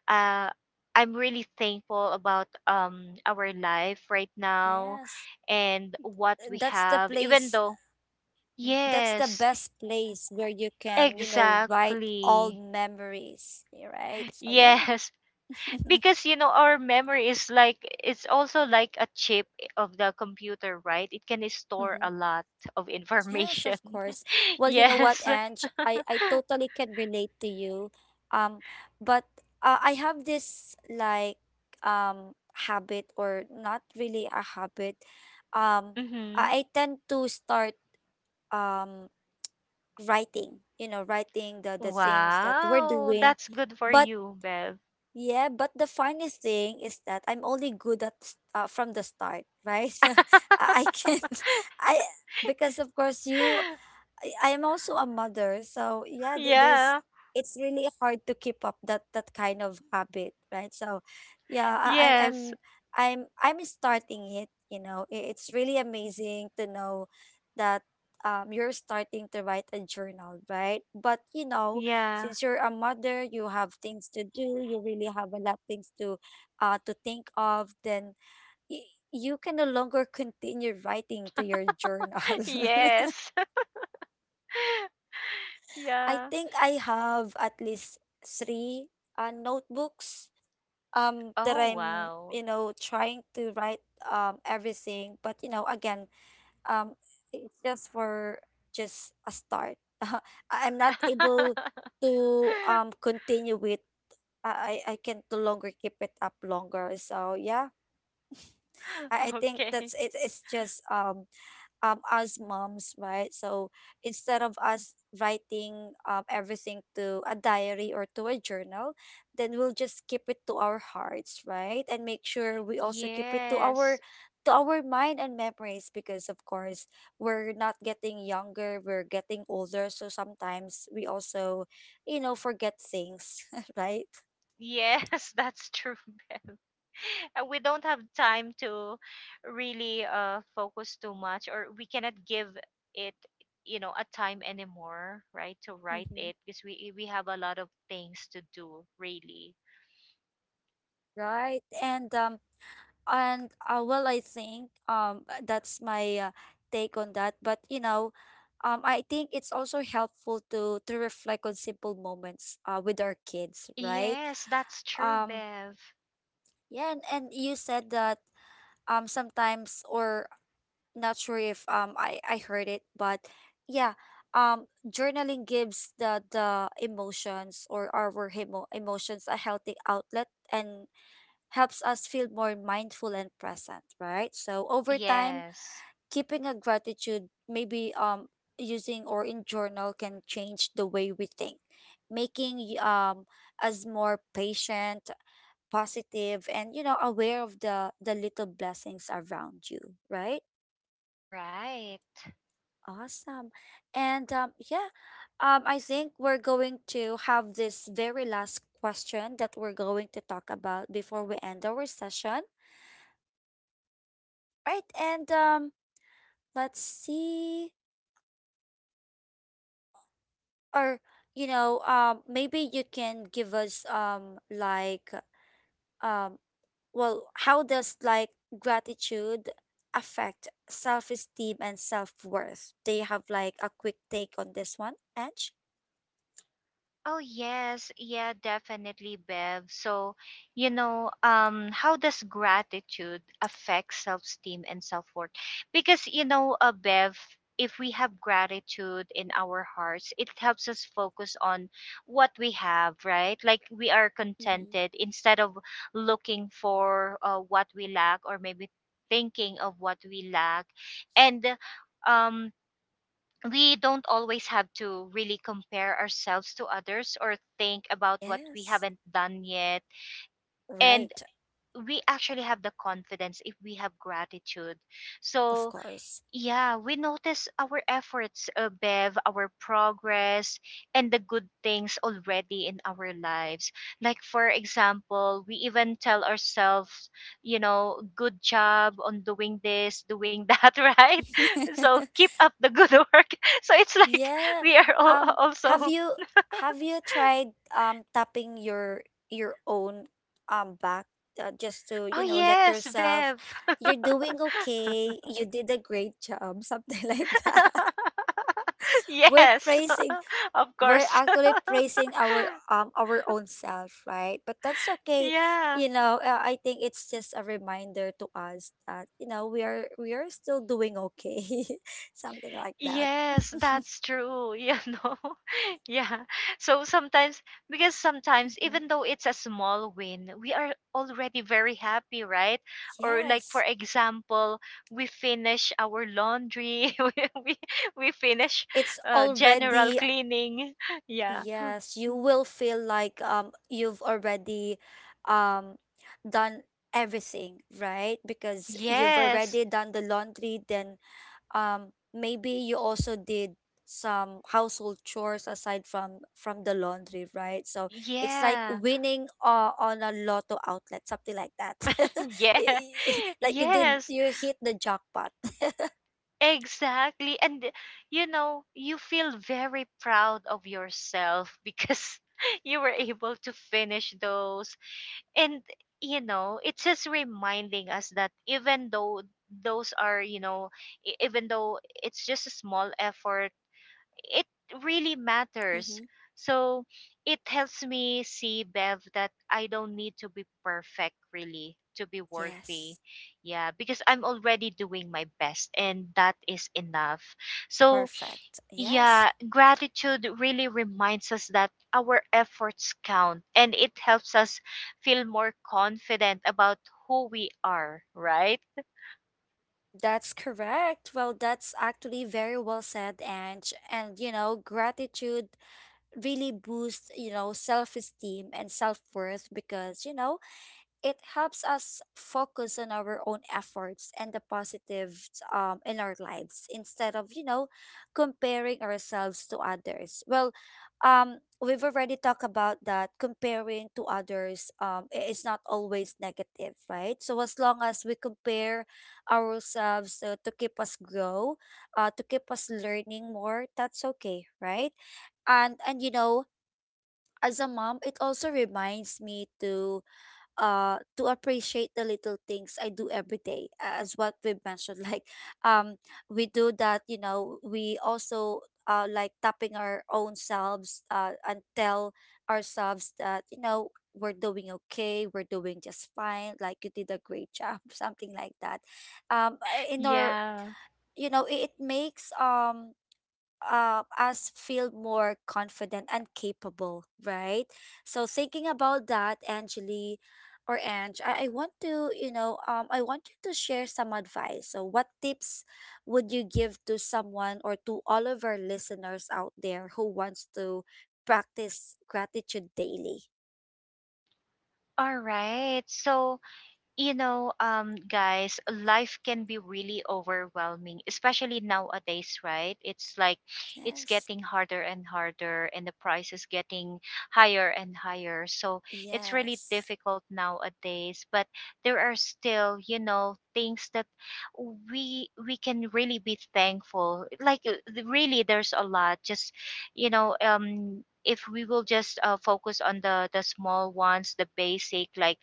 S2: uh, I'm really thankful about um our life right now,
S1: Yes.
S2: and what
S1: Uh,
S2: we
S1: That's the
S2: have, even
S1: place,
S2: though.
S1: n- that's the
S2: Yes.
S1: best place where you can, you know, write all
S2: Exactly.
S1: memories, y- right? So
S2: Yes.
S1: yeah.
S2: Because you know, our memory is like, it's also like a chip of the computer, right? It can store a
S1: Hmm.
S2: lot of
S1: Yes, of
S2: information.
S1: course. Well, you know what,
S2: Yes.
S1: Ange, I I totally can relate to you. Um, but uh, I have this like um habit or not really a habit. Um,
S2: Hmm.
S1: I I tend to start um writing, you know, writing the the things that we're
S2: Wow,
S1: doing.
S2: that's good for
S1: But
S2: you, Bev.
S1: yeah, but the funny thing is that I'm only good at s- uh, from the start, right? I I can't I because of course you I I am also a mother, so yeah, th- there's
S2: Yeah.
S1: it's really hard to keep up that that kind of habit, right? So, yeah, I, I'm I'm
S2: Yes.
S1: I'm I'm starting it. You know, I- it's really amazing to know that um you're starting to write a journal, right? But you know,
S2: Yeah.
S1: since you're a mother, you have things to do. You really have a lot of things to uh to think of. Then y- you can no longer continue writing to your journal.
S2: Yes.
S1: I
S2: Yeah.
S1: think I have at least three uh, notebooks um that
S2: Oh
S1: I'm
S2: wow.
S1: you know trying to write um everything, but you know again, um it's just for just a start. I- I'm not able to um continue with I I I can no longer keep it up longer, so yeah, I, I think
S2: Okay.
S1: that's it, it's just um um, as moms, right? So instead of us writing um, everything to a diary or to a journal, then we'll just keep it to our hearts, right? And make sure we also keep it to our
S2: Yes.
S1: to our mind and memories, because of course we're not getting younger, we're getting older, so sometimes we also, you know, forget things, right?
S2: Yes. That's true. We don't have time to really uh, focus too much, or we cannot give it, you know, a time anymore, right, to write it,
S1: Mm-hmm.
S2: because we we have a lot of things to do really.
S1: Right. And um, and uh, well, I think um that's my uh, take on that. But you know, um, I think it's also helpful to to reflect on simple moments uh, with our kids, right?
S2: Yes, that's true,
S1: Um,
S2: Bev.
S1: yeah, and, and you said that um sometimes or not sure if um I I heard it, but yeah, um journaling gives the the emotions or our emo emotions a healthy outlet and helps us feel more mindful and present, right? So over time
S2: Yes.
S1: keeping a gratitude maybe um using or in journal can change the way we think, making y- um us more patient, positive, and you know aware of the the little blessings around you, right?
S2: Right.
S1: Awesome. And um yeah, um I think we're going to have this very last question that we're going to talk about before we end our session, right? And um let's see, or you know um maybe you can give us um like um, well, how does like gratitude affect self-esteem and self-worth? Do you have like a quick take on this one, edge?
S2: Oh yes, yeah, definitely, Bev. So, you know, um, how does gratitude affect self-esteem and self-worth? Because you know, uh, Bev, if we have gratitude in our hearts, it helps us focus on what we have, right? Like, we are contented,
S1: Hmm.
S2: instead of looking for uh, what we lack, or maybe thinking of what we lack. And um we don't always have to really compare ourselves to others or think about what we
S1: Yes.
S2: haven't done yet. And
S1: Right.
S2: we actually have the confidence if we have gratitude.
S1: Of
S2: So
S1: course.
S2: yeah, we notice our efforts, uh, Bev, our progress, and the good things already in our lives. Like, for example, we even tell ourselves, you know, good job on doing this, doing that, right? So keep up the good work. So it's like
S1: Yeah.
S2: we are all
S1: Um, have
S2: also,
S1: you have you tried um tapping your your own um back, uh, just to,
S2: oh,
S1: you know, let
S2: yes,
S1: yourself
S2: Bev.
S1: you're doing okay. You did a great job, something like that. We're
S2: Yes,
S1: praising
S2: of
S1: we're
S2: course.
S1: actually praising our um our own self, right? But that's okay.
S2: Yeah.
S1: You know, uh, I think it's just a reminder to us that, you know, we are we are still doing okay. Something like that.
S2: Yes, that's true, you know. Yeah. So sometimes, because sometimes
S1: Mhm.
S2: even though it's a small win, we are already very happy, right? Or like for
S1: Yes.
S2: example, we finish our laundry, we we, we finish
S1: It's
S2: uh, general
S1: already
S2: cleaning. Yeah.
S1: yes, you will feel like um you've already um done everything, right? Because you've
S2: Yes.
S1: already done the laundry, then um maybe you also did some household chores aside from from the laundry, right? So it's like
S2: Yeah.
S1: winning uh, on a lotto outlet, something like that.
S2: Yeah.
S1: Y- y- like you did,
S2: Yes.
S1: you hit the jackpot.
S2: Exactly. And you know, you feel very proud of yourself because you were able to finish those. And you know, it's just reminding us that even though those are, you know, e- even though it's just a small effort, it really matters.
S1: Mm-hmm.
S2: So it helps me see, Bev, that I don't need to be perfect really to be worthy.
S1: Yes,
S2: Yeah, because I'm already doing my best and that is enough. So
S1: perfect. Yes,
S2: yeah, gratitude really reminds us that our efforts count, and it helps us feel more confident about who we are, right?
S1: that's correct. Well, that's actually very well said, Ange. And you know, gratitude really boosts, you know, self-esteem and self-worth because, you know, it helps us focus on our own efforts and the positives um, in our lives instead of, you know, comparing ourselves to others. Well, um, we've already talked about that comparing to others um, i- is not always negative, right? So as long as we compare ourselves uh, to keep us grow, uh, to keep us learning more, that's okay, right? And and you know, as a mom, it also reminds me to uh to appreciate the little things I do every day a- as what we mentioned like um we do that, you know, we also uh like tapping our own selves uh and tell ourselves that, you know, we're doing okay, we're doing just fine, like you did a great job something like that. Um I- in our
S2: Yeah.
S1: you know it, it makes um uh, us feel more confident and capable, right? So thinking about that, Angeli or Ange, I, I want to, you know, um, I want you to share some advice. So what tips would you give to someone or to all of our listeners out there who wants to practice gratitude daily?
S2: All right. So, you know, um, guys, life can be really overwhelming, especially nowadays, right? It's like, it's
S1: Yes.
S2: getting harder and harder, and the price is getting higher and higher. So it's really
S1: Yes.
S2: difficult nowadays. But there are still, you know, things that we we can really be thankful. Like uh, th- really, there's a lot. Just you know, um, if we will just uh, focus on the the small ones, the basic, like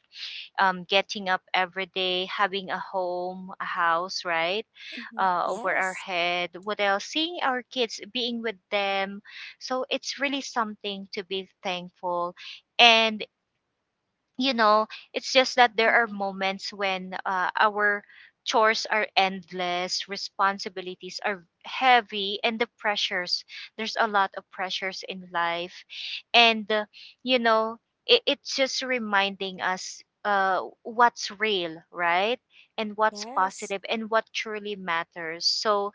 S2: um, getting up every day, having a home, a house, right,
S1: Mm-hmm.
S2: uh, over our
S1: Yes.
S2: head. What else? Seeing our kids, being with them. So it's really something to be thankful. And you know, it's just that there are
S1: Mm-hmm.
S2: moments when uh, our chores are endless, responsibilities are heavy, and the pressures. There's a lot of pressures in life. And, uh, you know, it, it's just reminding us uh, what's real, right? And what's
S1: Yes.
S2: positive and what truly matters. So,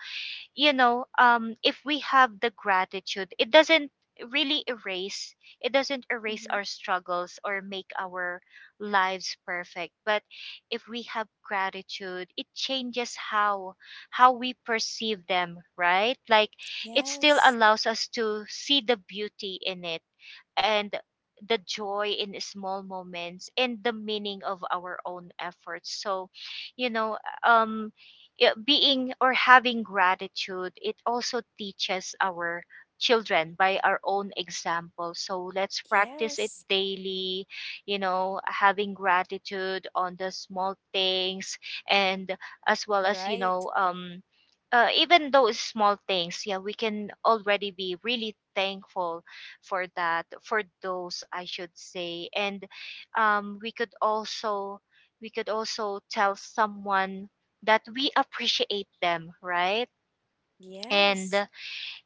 S2: you know, um if we have the gratitude, it doesn't really erase, it doesn't erase our
S1: Mm-hmm.
S2: struggles or make our lives perfect, but if we have gratitude it changes how how we perceive them, right? Like, it still
S1: Yes.
S2: allows us to see the beauty in it, and the joy in small moments, and the meaning of our own efforts. So you know, um yeah, being or having gratitude, it also teaches our children by our own example. So let's practice it
S1: Yes.
S2: daily, you know, having gratitude on the small things. And as well as, you
S1: Right.
S2: know, um uh, even those small things, yeah, we can already be really thankful for that, for those I should say. And um, we could also, we could also tell someone that we appreciate them, right? And
S1: Yes.
S2: uh,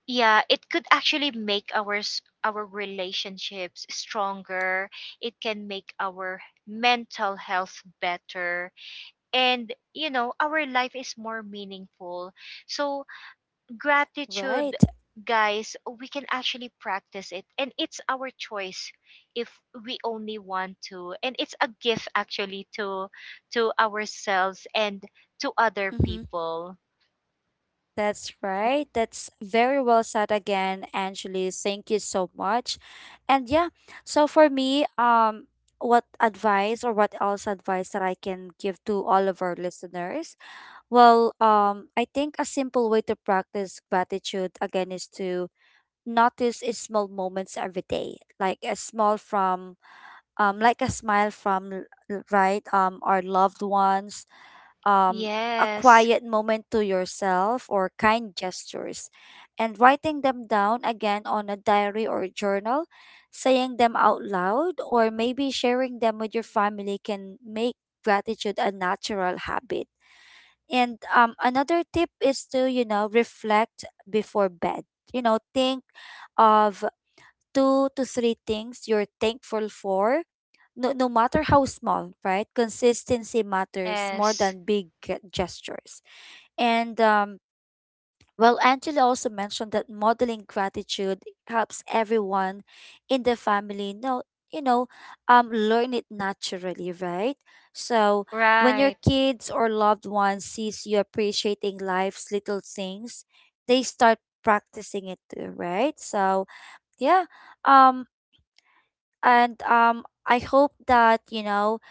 S2: yeah, it could actually make our s- our relationships stronger. It can make our mental health better, and you know, our life is more meaningful. So gratitude,
S1: Right.
S2: guys, we can actually practice it. And it's our choice if we only want to. And it's a gift actually to to ourselves and to other
S1: Mm-hmm.
S2: people.
S1: That's right. That's very well said again, Angeli. Thank you so much. And yeah, so for me, um, what advice or what else advice that I can give to all of our listeners? Well, um, I think a simple way to practice gratitude again is to notice i- small moments every day, like a small from, um, like a smile from, l- l- right, um, our loved ones, um, a
S2: Yes.
S1: quiet moment to yourself, or kind gestures. And writing them down again on a diary or journal, saying them out loud, or maybe sharing them with your family can make gratitude a natural habit. And um, Another tip is to, you know, reflect before bed. You know, think of two to three things you're thankful for, no, no matter how small, right? Consistency matters more
S2: Yes.
S1: than big ge- gestures. And um, Well, Angela also mentioned that modeling gratitude helps everyone in the family know, you know, um, learn it naturally, right? So when your
S2: Right.
S1: kids or loved ones sees you appreciating life's little things, they start practicing it too, right? So yeah, um, and um I hope that, you know,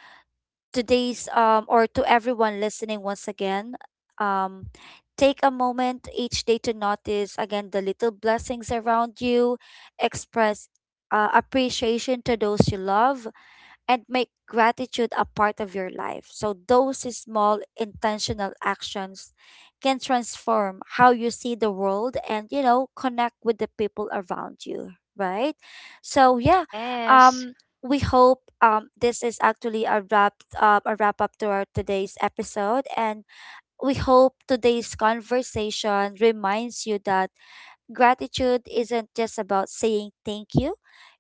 S1: today's um or to everyone listening once again, um take a moment each day to notice again the little blessings around you, express uh, appreciation to those you love, and make gratitude a part of your life. So those small intentional actions can transform how you see the world and, you know, connect with the people around you, right? So, yeah,
S2: Yes.
S1: um, we hope um, this is actually a wrap uh, a wrap up to our today's episode, and we hope today's conversation reminds you that gratitude isn't just about saying thank you.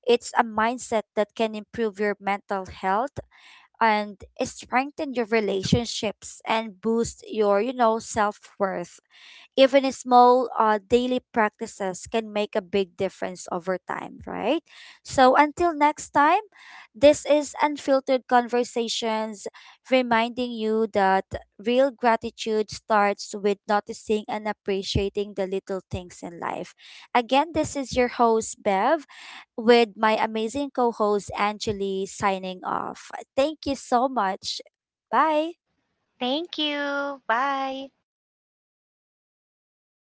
S1: It's a mindset that can improve your mental health and strengthen your relationships and boost your, you know, self-worth. Even small uh, daily practices can make a big difference over time, right? So until next time, this is Unfiltered Conversations, reminding you that real gratitude starts with noticing and appreciating the little things in life. Again, this is your host, Bev, with my amazing co host, Angeli, signing off. Thank you so much. Bye.
S2: Thank you. Bye.